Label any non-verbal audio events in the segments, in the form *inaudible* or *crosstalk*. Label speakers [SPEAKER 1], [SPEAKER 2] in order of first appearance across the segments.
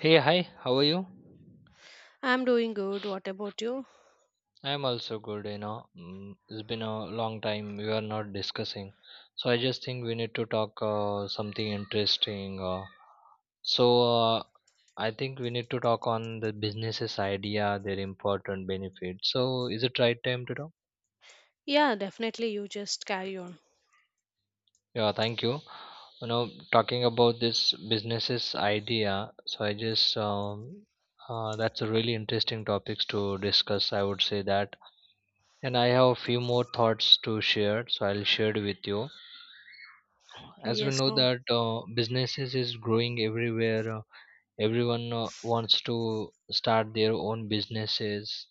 [SPEAKER 1] Hey, hi, how are you?
[SPEAKER 2] I'm doing good. What about you?
[SPEAKER 1] I'm also good, you know. It's been a long time we are not discussing. So I just think we need to talk something interesting. So uh, I think we need to talk on the businesses idea, their important benefits. So is it right time to talk?
[SPEAKER 2] Yeah, definitely. You just carry on.
[SPEAKER 1] Yeah, thank you. You know, talking about this businesses idea, so I just that's a really interesting topics to discuss. I would say that, and I have a few more thoughts to share, so I'll share it with you as we
[SPEAKER 2] Yes,
[SPEAKER 1] know
[SPEAKER 2] no.
[SPEAKER 1] that businesses is growing everywhere, everyone wants to start their own businesses.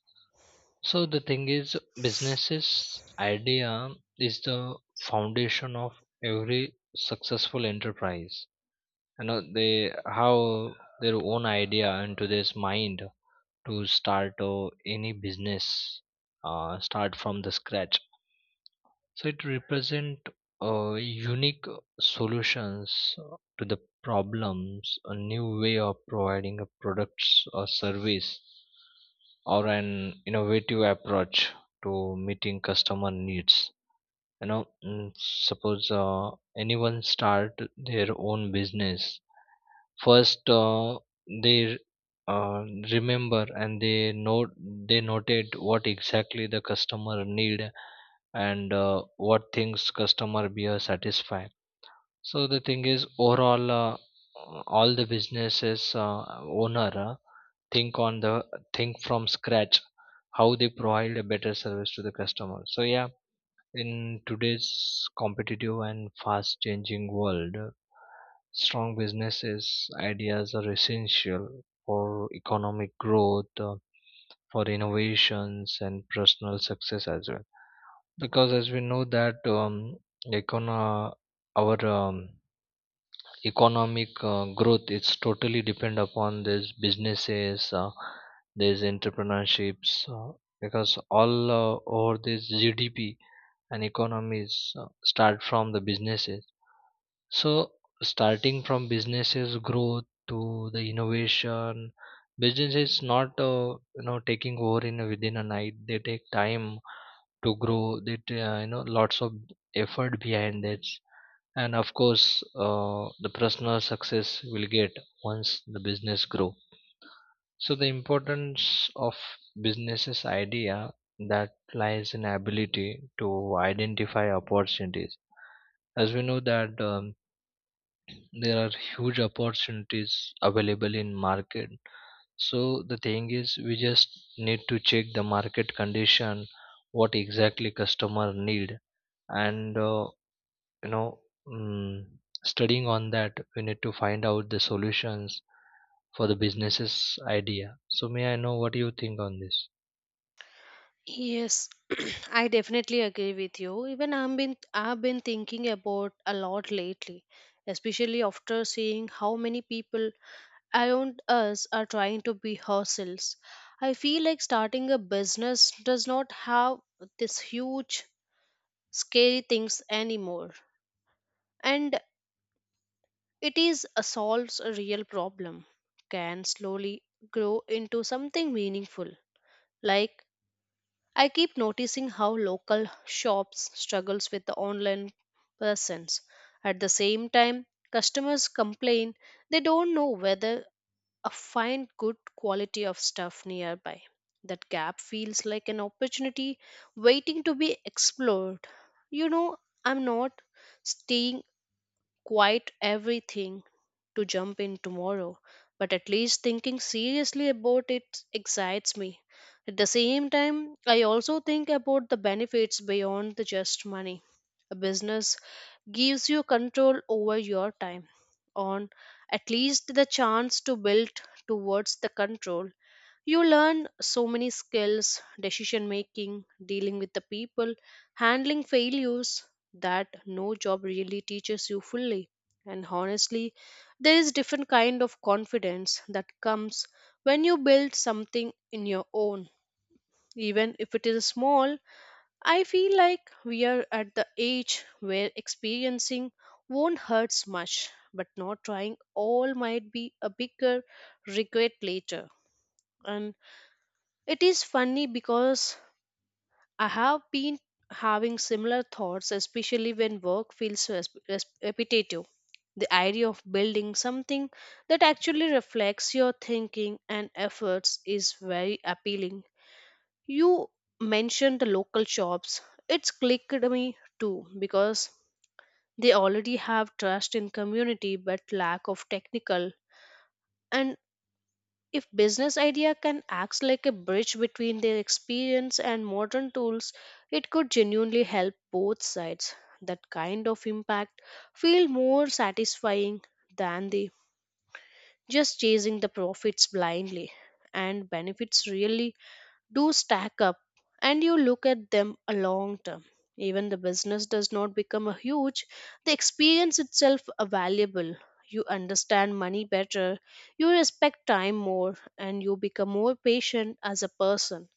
[SPEAKER 1] So the thing is, businesses idea is the foundation of every successful enterprise. You know, they have their own idea into this mind to start any business, start from the scratch. So it represent unique solutions to the problems, a new way of providing a products or service, or an innovative approach to meeting customer needs. Suppose anyone start their own business first, they uh, remember and they noted what exactly the customer need, and what things customer be satisfied. So the thing is overall, all the businesses owner think on the think from scratch how they provide a better service to the customer. So yeah, in today's competitive and fast changing world, strong businesses ideas are essential for economic growth, for innovations and personal success as well, because as we know that econo- our economic growth is totally depend upon these businesses, these entrepreneurships, because all over this GDP and economies start from the businesses. So starting from businesses growth to the innovation, business is not, you know, taking over in a, within a night. They take time to grow that, you know, lots of effort behind that, and of course the personal success will get once the business grow. So the importance of businesses idea that lies in ability to identify opportunities, as we know that there are huge opportunities available in market. So the thing is, we just need to check the market condition, what exactly customer need, and you know mm, studying on that we need to find out the solutions for the business's idea. So may I know what you think on this?
[SPEAKER 2] Yes, *clears throat* I definitely agree with you. Even I've been thinking about a lot lately, especially after seeing how many people around us are trying to be ourselves. I feel like starting a business does not have this huge scary things anymore. And it is a solves a real problem, can slowly grow into something meaningful. Like I keep noticing how local shops struggles with the online presence. At the same time, customers complain they don't know whether a find good quality of stuff nearby. That gap feels like an opportunity waiting to be explored. You know, I'm not staying quite everything to jump in tomorrow, but at least thinking seriously about it excites me. At the same time, I also think about the benefits beyond the just money. A business gives you control over your time, on at least the chance to build towards the control you learn so many skills, decision making, dealing with the people, handling failures that no job really teaches you fully. And honestly, there is different kind of confidence that comes when you build something in your own, even if it is small. I feel like we are at the age where experiencing won't hurts much, but not trying all might be a bigger regret later. And it is funny because I have been having similar thoughts, especially when work feels repetitive. The idea of building something that actually reflects your thinking and efforts is very appealing. You mentioned the local shops. It's clicked me too because they already have trust in community but lack of technical and if business idea can act like a bridge between their experience and modern tools, it could genuinely help both sides. That kind of impact feel more satisfying than the just chasing the profits blindly, and benefits really do stack up, and you look at them a long term even the business does not become a huge the experience itself a valuable. You understand money better, you respect time more, and you become more patient as a person.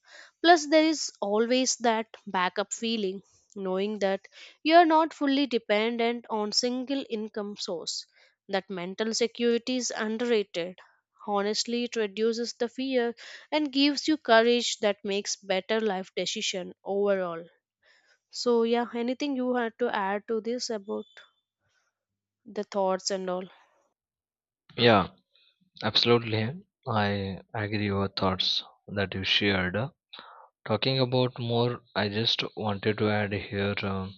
[SPEAKER 2] Plus there is always that backup feeling knowing that you are not fully dependent on single income source. That mental security is underrated. Honestly, it reduces the fear and gives you courage that makes better life decision overall. So yeah, anything you had to add to this about the thoughts and all?
[SPEAKER 1] Yeah, absolutely. I agree your thoughts that you shared. Talking about more, I just wanted to add here,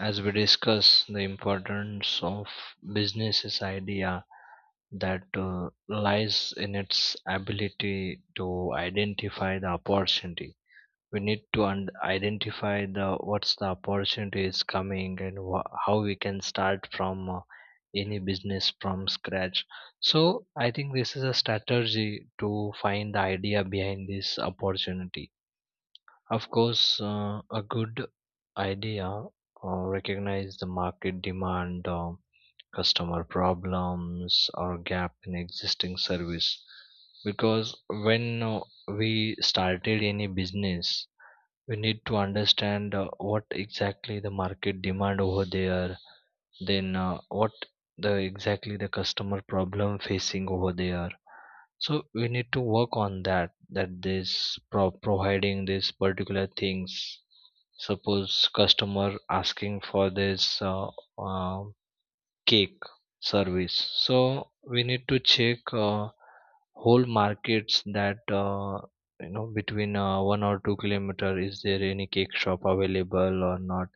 [SPEAKER 1] as we discuss the importance of business's idea, that lies in its ability to identify the opportunity. We need to identify the what's the opportunity is coming, and wha how we can start from any business from scratch. So I think this is a strategy to find the idea behind this opportunity. Of course, uh, a good idea recognize the market demand, customer problems or gap in existing service, because when uh, we started any business, we need to understand what exactly the market demand over there, then what the exactly the customer problem facing over there. So we need to work on that, that this providing these particular things. Suppose customer asking for this uh, cake service. So we need to check whole markets that, you know, between 1 or 2 kilometers is there any cake shop available or not.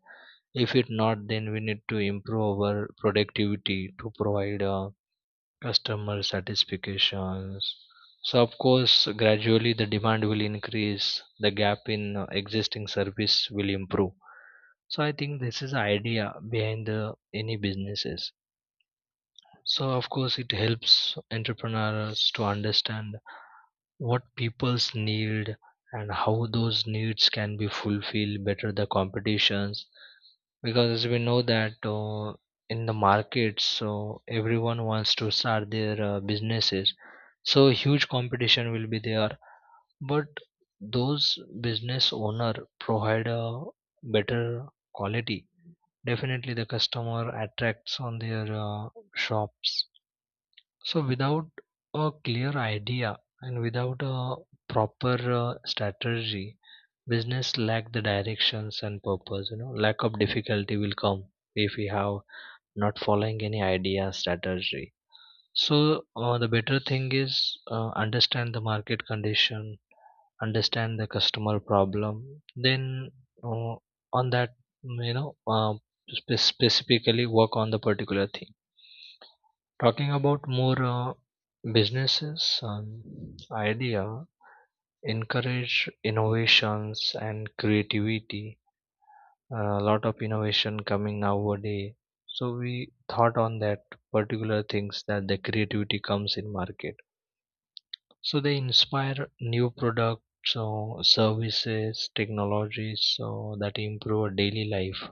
[SPEAKER 1] If it not, then we need to improve our productivity to provide customer satisfactions. So of course, gradually the demand will increase. The gap in existing service will improve. So I think this is the idea behind the any businesses. So of course it helps entrepreneurs to understand what people's need and how those needs can be fulfilled better the competitions, because as we know that, in the market, so everyone wants to start their businesses, so huge competition will be there. But those business owner provide a better quality, definitely the customer attracts on their shops. So without a clear idea and without a proper strategy, business lack the directions and purpose. You know, lack of difficulty will come if we have not following any idea strategy. So the better thing is, understand the market condition, understand the customer problem. Then uh, on that, you know, uh, specifically work on the particular thing. Talking about more, businesses idea encourage innovations and creativity. A lot of innovation coming nowadays. So we thought on that particular things that the creativity comes in market. So they inspire new products, so services, technologies, so that improve our daily life.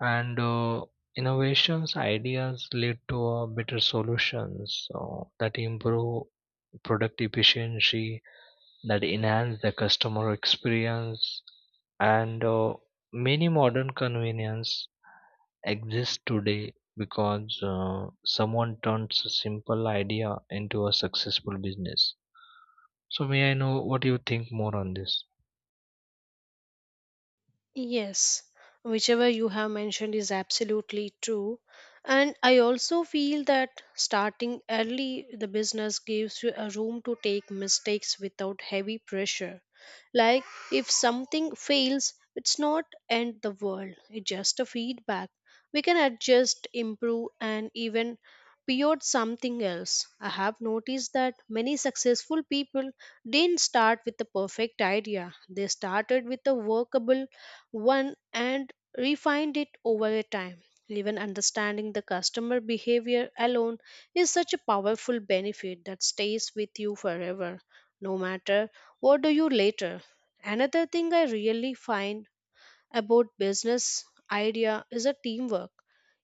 [SPEAKER 1] And. Innovations ideas lead to better solutions so that improve product efficiency, that enhance the customer experience, and many modern convenience exist today because someone turns a simple idea into a successful business. So may I know what you think more on this?
[SPEAKER 2] Yes, whichever you have mentioned is absolutely true. And I also feel that starting early, the business gives you a room to take mistakes without heavy pressure. Like if something fails, it's not end the world. It's just a feedback. We can adjust, improve, and even pivot something else. I have noticed that many successful people didn't start with the perfect idea. They started with a workable one and refined it over a time. Even understanding the customer behavior alone is such a powerful benefit that stays with you forever, no matter what do you later. Another thing I really find about business idea is a teamwork.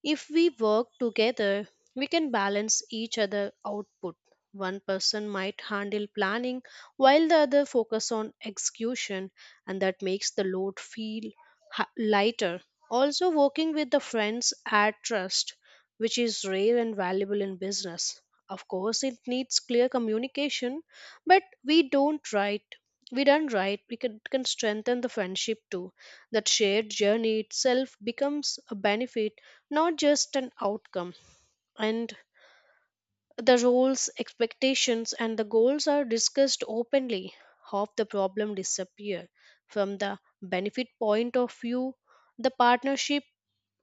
[SPEAKER 2] If we work together, we can balance each other output. One person might handle planning while the other focus on execution and that makes the load feel lighter. Also working with the friends add trust which is rare and valuable in business. Of course it needs clear communication but we don't write we done right we can strengthen the friendship too. That shared journey itself becomes a benefit, not just an outcome. And the roles, expectations, and the goals are discussed openly. Half the problem disappear. From the benefit point of view, the partnership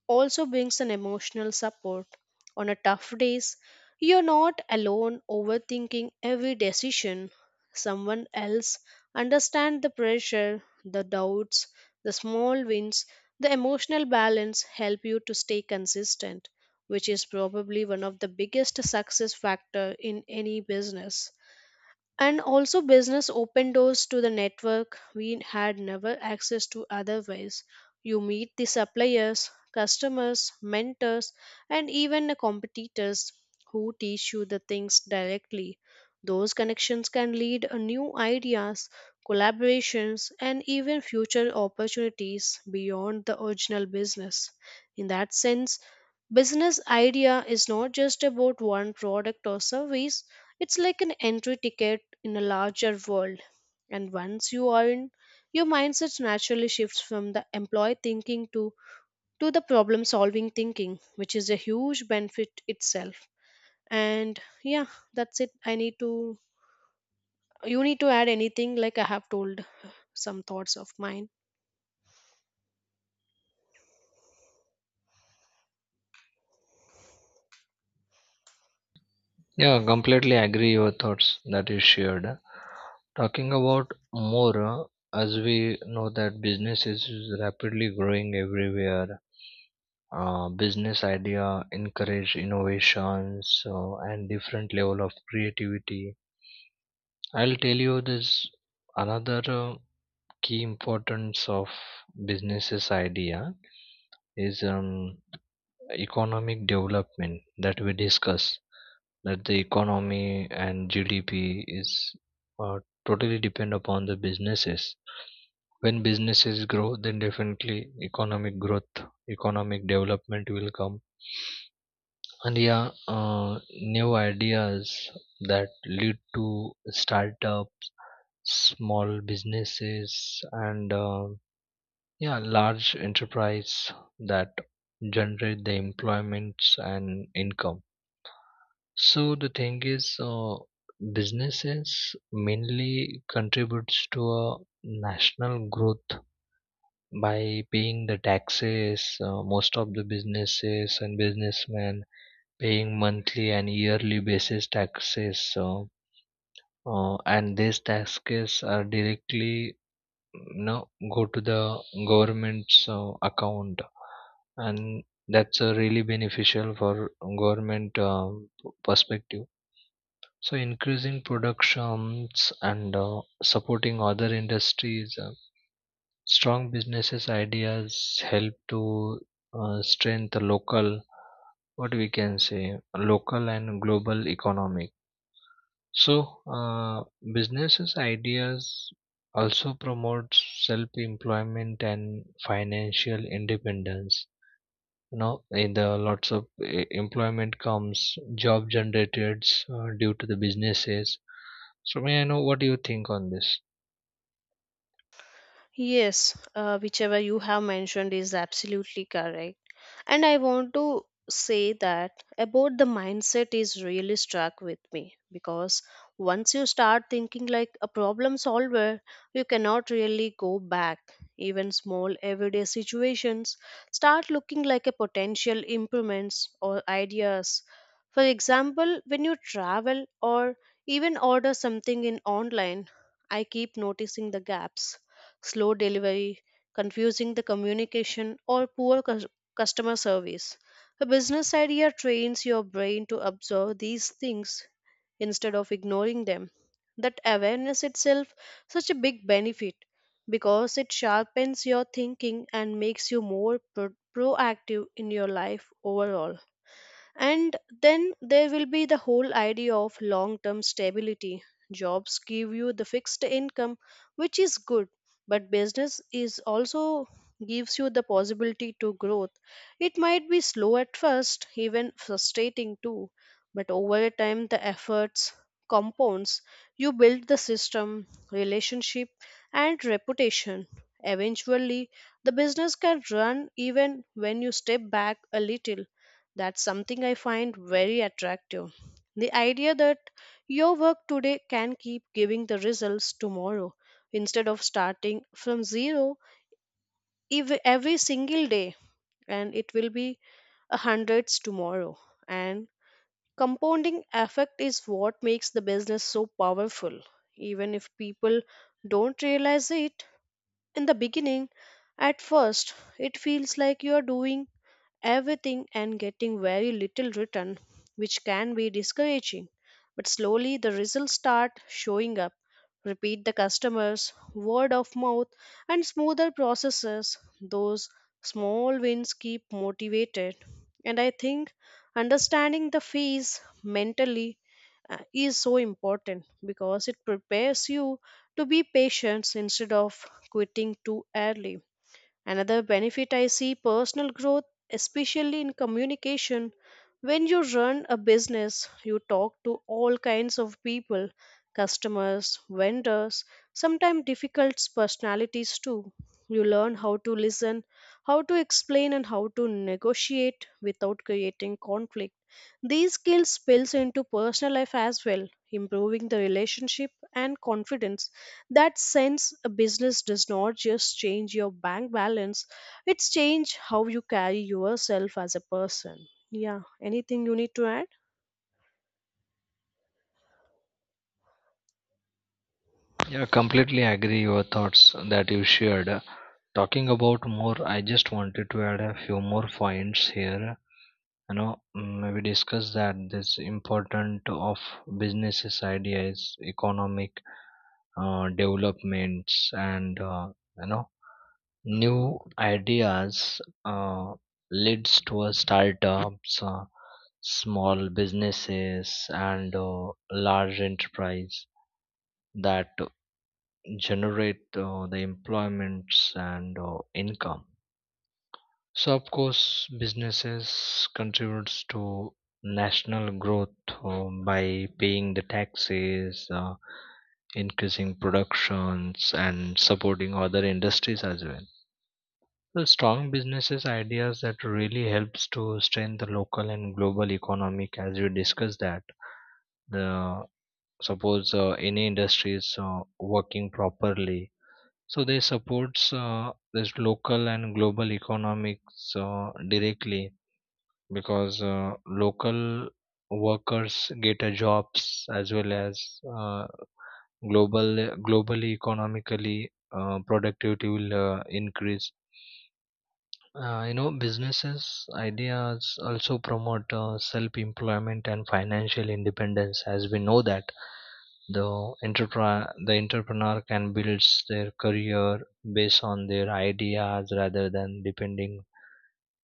[SPEAKER 2] also brings an emotional support. On a tough days, you're not alone overthinking every decision. Someone else understands the pressure, the doubts, the small wins, the emotional balance help you to stay consistent, which is probably one of the biggest success factor in any business. And also business opened doors to the network we had never access to otherwise. You meet the suppliers, customers, mentors, and even the competitors who teach you the things directly. Those connections can lead a new ideas, collaborations, and even future opportunities beyond the original business. In that sense, business idea is not just about one product or service, it's like an entry ticket in a larger world. And once you are in, your mindset naturally shifts from the employee thinking to the problem solving thinking, which is a huge benefit itself. And yeah, that's it. You need to add anything like I have told some thoughts of mine.
[SPEAKER 1] Yeah, completely agree your thoughts that you shared. Talking about more, as we know that business is rapidly growing everywhere, business idea encourage innovations and different level of creativity. I'll tell you this, another key importance of businesses idea is, economic development that we discuss, that the economy and GDP is uh, totally depend upon the businesses. When businesses grow then definitely economic growth, economic development will come. And yeah, new ideas that lead to startups, small businesses, and yeah, large enterprise that generate the employments and income. So the thing is, businesses mainly contributes to a national growth by paying the taxes. Most of the businesses and businessmen paying monthly and yearly basis taxes. So and these taxes are directly, you know, go to the government's account, and that's really beneficial for government perspective. So increasing productions and supporting other industries, strong businesses ideas help to strengthen local, what we can say, local and global economic. So, businesses ideas also promote self-employment and financial independence. You know, in the lots of employment comes, job generated due to the businesses. So, may I know what do you think on this?
[SPEAKER 2] Yes, whichever you have mentioned is absolutely correct. And I want to say that about the mindset is really struck with me because once you start thinking like a problem solver, you cannot really go back. Even small everyday situations start looking like a potential improvements or ideas. For example, when you travel or even order something in online, I keep noticing the gaps, slow delivery, confusing the communication or poor customer service. A business idea trains your brain to observe these things instead of ignoring them. That awareness itself such a big benefit because it sharpens your thinking and makes you more proactive in your life overall. And then there will be the whole idea of long term stability. Jobs give you the fixed income, which is good, but business is also gives you the possibility to growth. It might be slow at first, even frustrating too, but over time the efforts compounds. You build the system, relationship, and reputation. Eventually, the business can run even when you step back a little. That's something I find very attractive. The idea that your work today can keep giving the results tomorrow instead of starting from zero every single day, and it will be a hundreds tomorrow. And compounding effect is what makes the business so powerful. Even if people don't realize it in the beginning, at first it feels like you are doing everything and getting very little return, which can be discouraging. But slowly the results start showing up. Repeat the customers, word of mouth, and smoother processes. Those small wins keep motivated. And I think understanding the fees mentally is so important because it prepares you to be patient instead of quitting too early. Another benefit I see personal growth, especially in communication. When you run a business, you talk to all kinds of people customers, vendors, sometimes difficult personalities too. You learn how to listen, how to explain, and how to negotiate without creating conflict. These skills spills into personal life as well, improving the relationship and confidence. That sense a business does not just change your bank balance, it's change how you carry yourself as a person. Yeah, anything you need to add?
[SPEAKER 1] Yeah, completely agree your thoughts that you shared. Talking about more, I just wanted to add a few more points here. We discussed that this important of businesses ideas, economic developments, and you know, new ideas leads to a startups, small businesses, and large enterprise that generate the employments and income. So of course, businesses contributes to national growth, by paying the taxes, increasing productions, and supporting other industries as well. So strong businesses ideas that really helps to strengthen the local and global economic, as we discussed that. The suppose, any industry is working properly, so they supports this local and global economics directly, because local workers get a jobs, as well as uh, global, globally economically productivity will increase. You know, businesses ideas also promote self employment and financial independence, as we know that the the entrepreneur can build their career based on their ideas rather than depending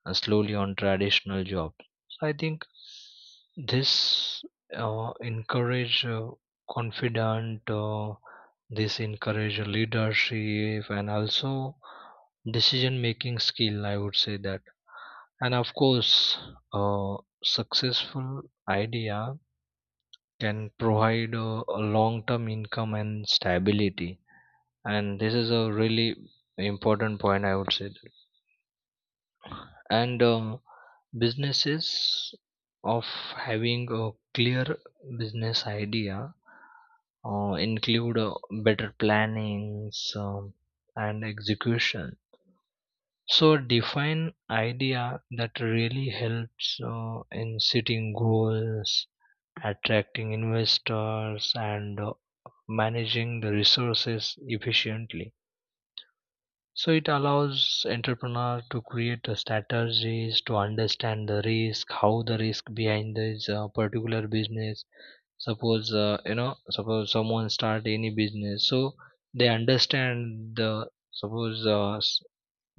[SPEAKER 1] and slowly on traditional jobs. So I think this encourage confident, this encourage leadership and also decision making skill, I would say that. And of course, a successful idea can provide a long term income and stability. And this is a really important point, I would say. And businesses of having a clear business idea include better plannings and execution. So define idea that really helps in setting goals, attracting investors, and managing the resources efficiently. So it allows entrepreneur to create the strategies to understand the risk, how the risk behind this particular business. Suppose, you know, suppose someone start any business, so they understand the suppose,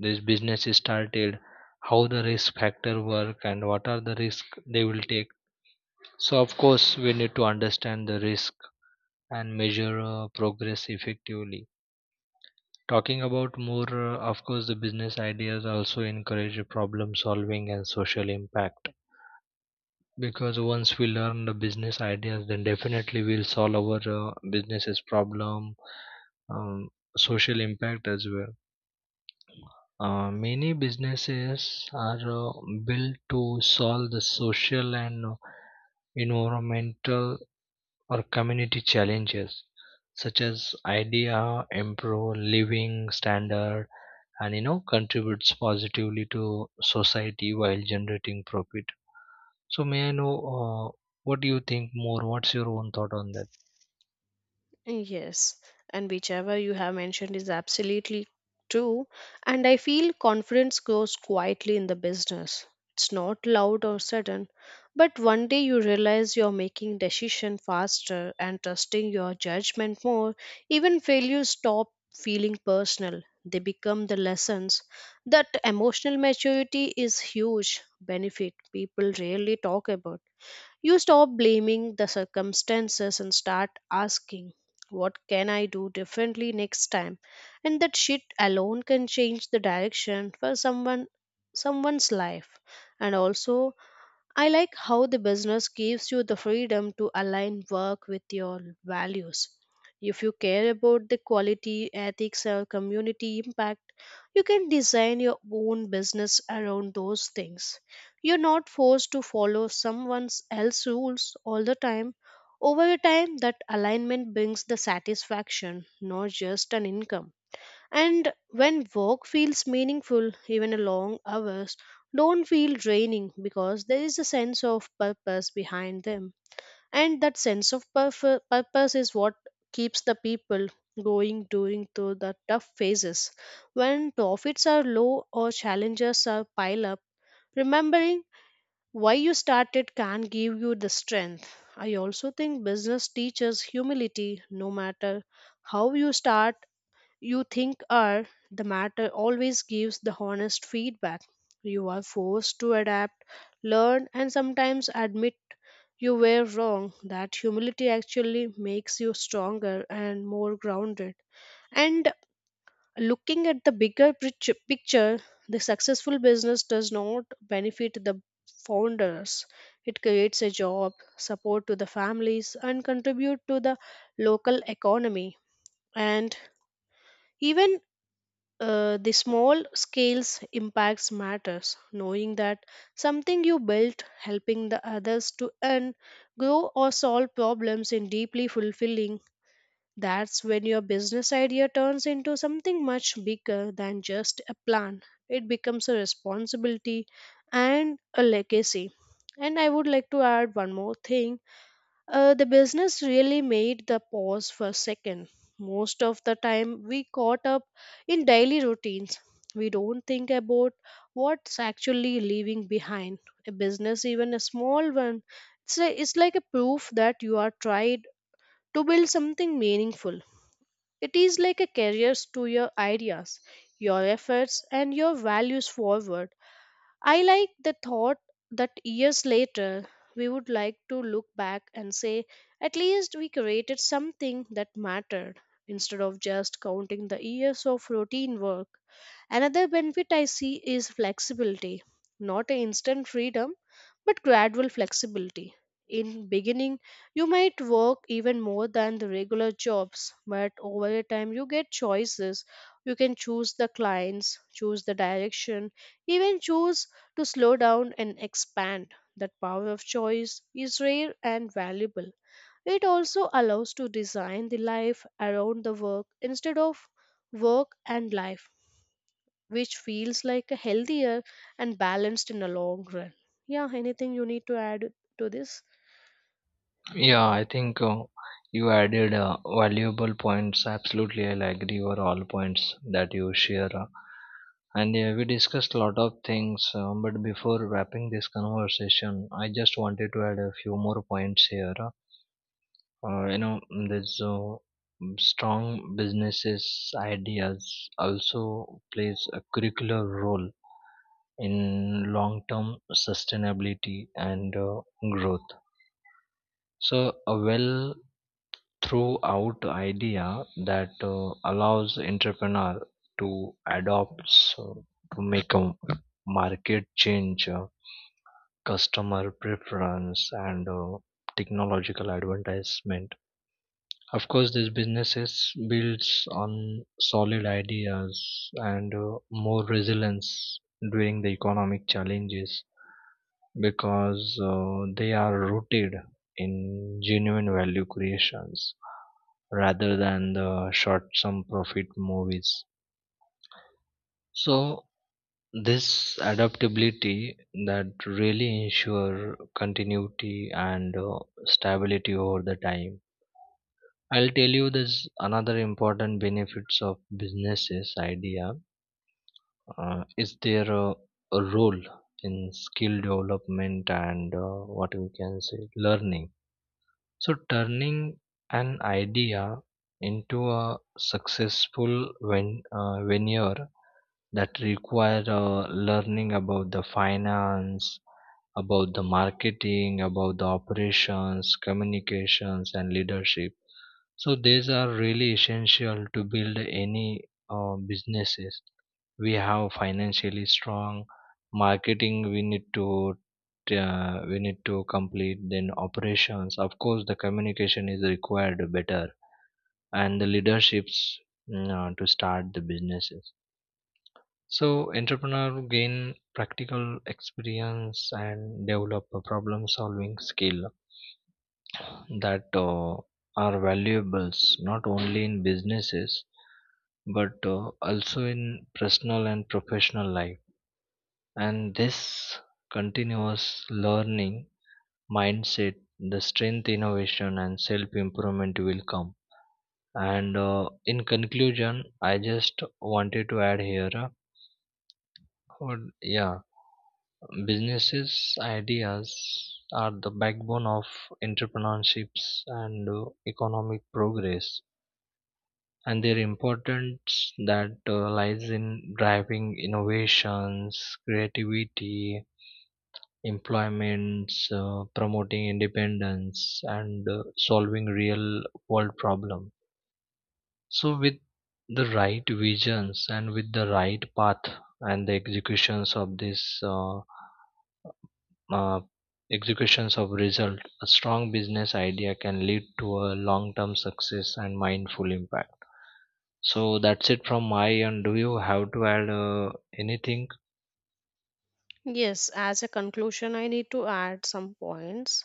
[SPEAKER 1] this business is started, how the risk factor work and what are the risk they will take. So of course we need to understand the risk and measure progress effectively. Talking about more, of course, the business ideas also encourage problem solving and social impact. Because once we learn the business ideas, then definitely we'll solve our business's problem, um, social impact as well. Many businesses are uh, built to solve the social and environmental or community challenges, such as idea improve living standard, and you know, contributes positively to society while generating profit. So may I know, what do you think more, what's your own thought on that?
[SPEAKER 2] Yes, and whichever you have mentioned is absolutely true. And I feel confidence grows quietly in the business. It's not loud or sudden, but one day you realize you're making decision faster and trusting your judgment more. Even failures stop feeling personal. They become the lessons. That emotional maturity is huge benefit people rarely talk about. You stop blaming the circumstances and start asking, what can I do differently next time? And that shit alone can change the direction for someone's life. And also I like how the business gives you the freedom to align work with your values. If you care about the quality, ethics, or community impact, you can design your own business around those things. You're not forced to follow someone else's rules all the time. Over a time, that alignment brings the satisfaction, not just an income. And when work feels meaningful, even a long hours don't feel draining because there is a sense of purpose behind them. And that sense of purpose is what keeps the people going during through the tough phases. When profits are low or challenges are pile up, remembering why you started can give you the strength. I also think business teaches humility no matter how you start you think are the matter always gives the honest feedback. You are forced to adapt, learn, and sometimes admit you were wrong. That humility actually makes you stronger and more grounded. And looking at the bigger picture, the successful business does not benefit the founders. It creates a job, support to the families, and contribute to the local economy. And even the small scales impacts matters knowing that something you built helping the others to earn grow or solve problems in deeply fulfilling. That's when your business idea turns into something much bigger than just a plan. It becomes a responsibility and a legacy. And I would like to add one more thing. The business really made the pause for a second. Most of the time, we caught up in daily routines. We don't think about what's actually leaving behind. A business, even a small one, it's like a proof that you are tried to build something meaningful. It is like a carrier to your ideas, your efforts, and your values forward. I like the thought that years later we would like to look back and say, at least we created something that mattered instead of just counting the years of routine work. Another benefit I see is flexibility, not a instant freedom, but gradual flexibility. In beginning, you might work even more than the regular jobs, but over a time you get choices. You can choose the clients, choose the direction, even choose to slow down and expand. That power of choice is rare and valuable. It also allows to design the life around the work instead of work and life, which feels like a healthier and balanced in the long run. Yeah, anything you need to add to this?
[SPEAKER 1] Yeah, I think you added valuable points. Absolutely I'll agree with all points that you share, and yeah, we discussed a lot of things, but before wrapping this conversation I just wanted to add a few more points here, you know, strong businesses ideas also plays a curricular role in long-term sustainability and growth. So a well throughout idea that allows entrepreneur to adopt, so to make a market change, customer preference and technological advertisement. Of course, these businesses builds on solid ideas and more resilience during the economic challenges, because they are rooted in genuine value creations rather than the short-term profit movies. So this adaptability that really ensure continuity and stability over the time. I'll tell you this, another important benefits of businesses idea, is their a role in skill development and what we can say learning. So turning an idea into a successful venture that require learning about the finance, about the marketing, about the operations, communications, and leadership. So these are really essential to build any businesses. We have financially strong marketing. We need to complete, then operations, of course the communication is required better, and the leaderships, to start the businesses. So entrepreneur gain practical experience and develop a problem solving skill that are valuables, not only in businesses but also in personal and professional life. And this continuous learning mindset, the strength, innovation, and self improvement will come. And in conclusion, I just wanted to add here, yeah, businesses ideas are the backbone of entrepreneurships and economic progress. And their importance that lies in driving innovations, creativity, employments, promoting independence, and solving real world problems. So, with the right visions and with the right path and the executions of this, uh, executions of result, a strong business idea can lead to a long-term success and mindful impact. So that's it from my end. Do you have to add anything?
[SPEAKER 2] Yes, as a conclusion, I need to add some points.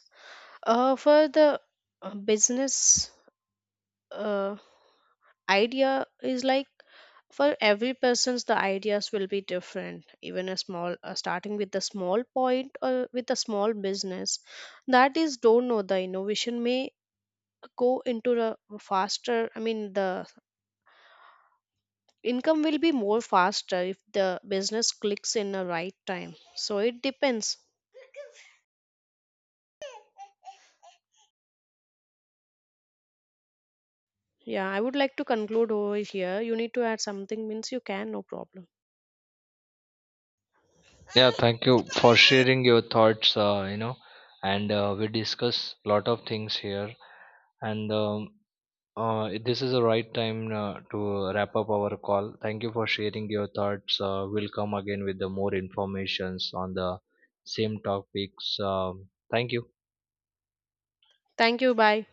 [SPEAKER 2] For the business uh, idea is like for every person's the ideas will be different, even a small starting with a small point or with a small business that is don't know the innovation may go into the faster. I mean the income will be more faster if the business clicks in the right time, so it depends. Yeah, I would like to conclude over here. You need to add something means you can, no problem.
[SPEAKER 1] Yeah, thank you for sharing your thoughts. You know, and we discuss a lot of things here, and this is the right time to wrap up our call. Thank you for sharing your thoughts. We'll come again with the more informations on the same topics. Thank you.
[SPEAKER 2] Thank you, bye.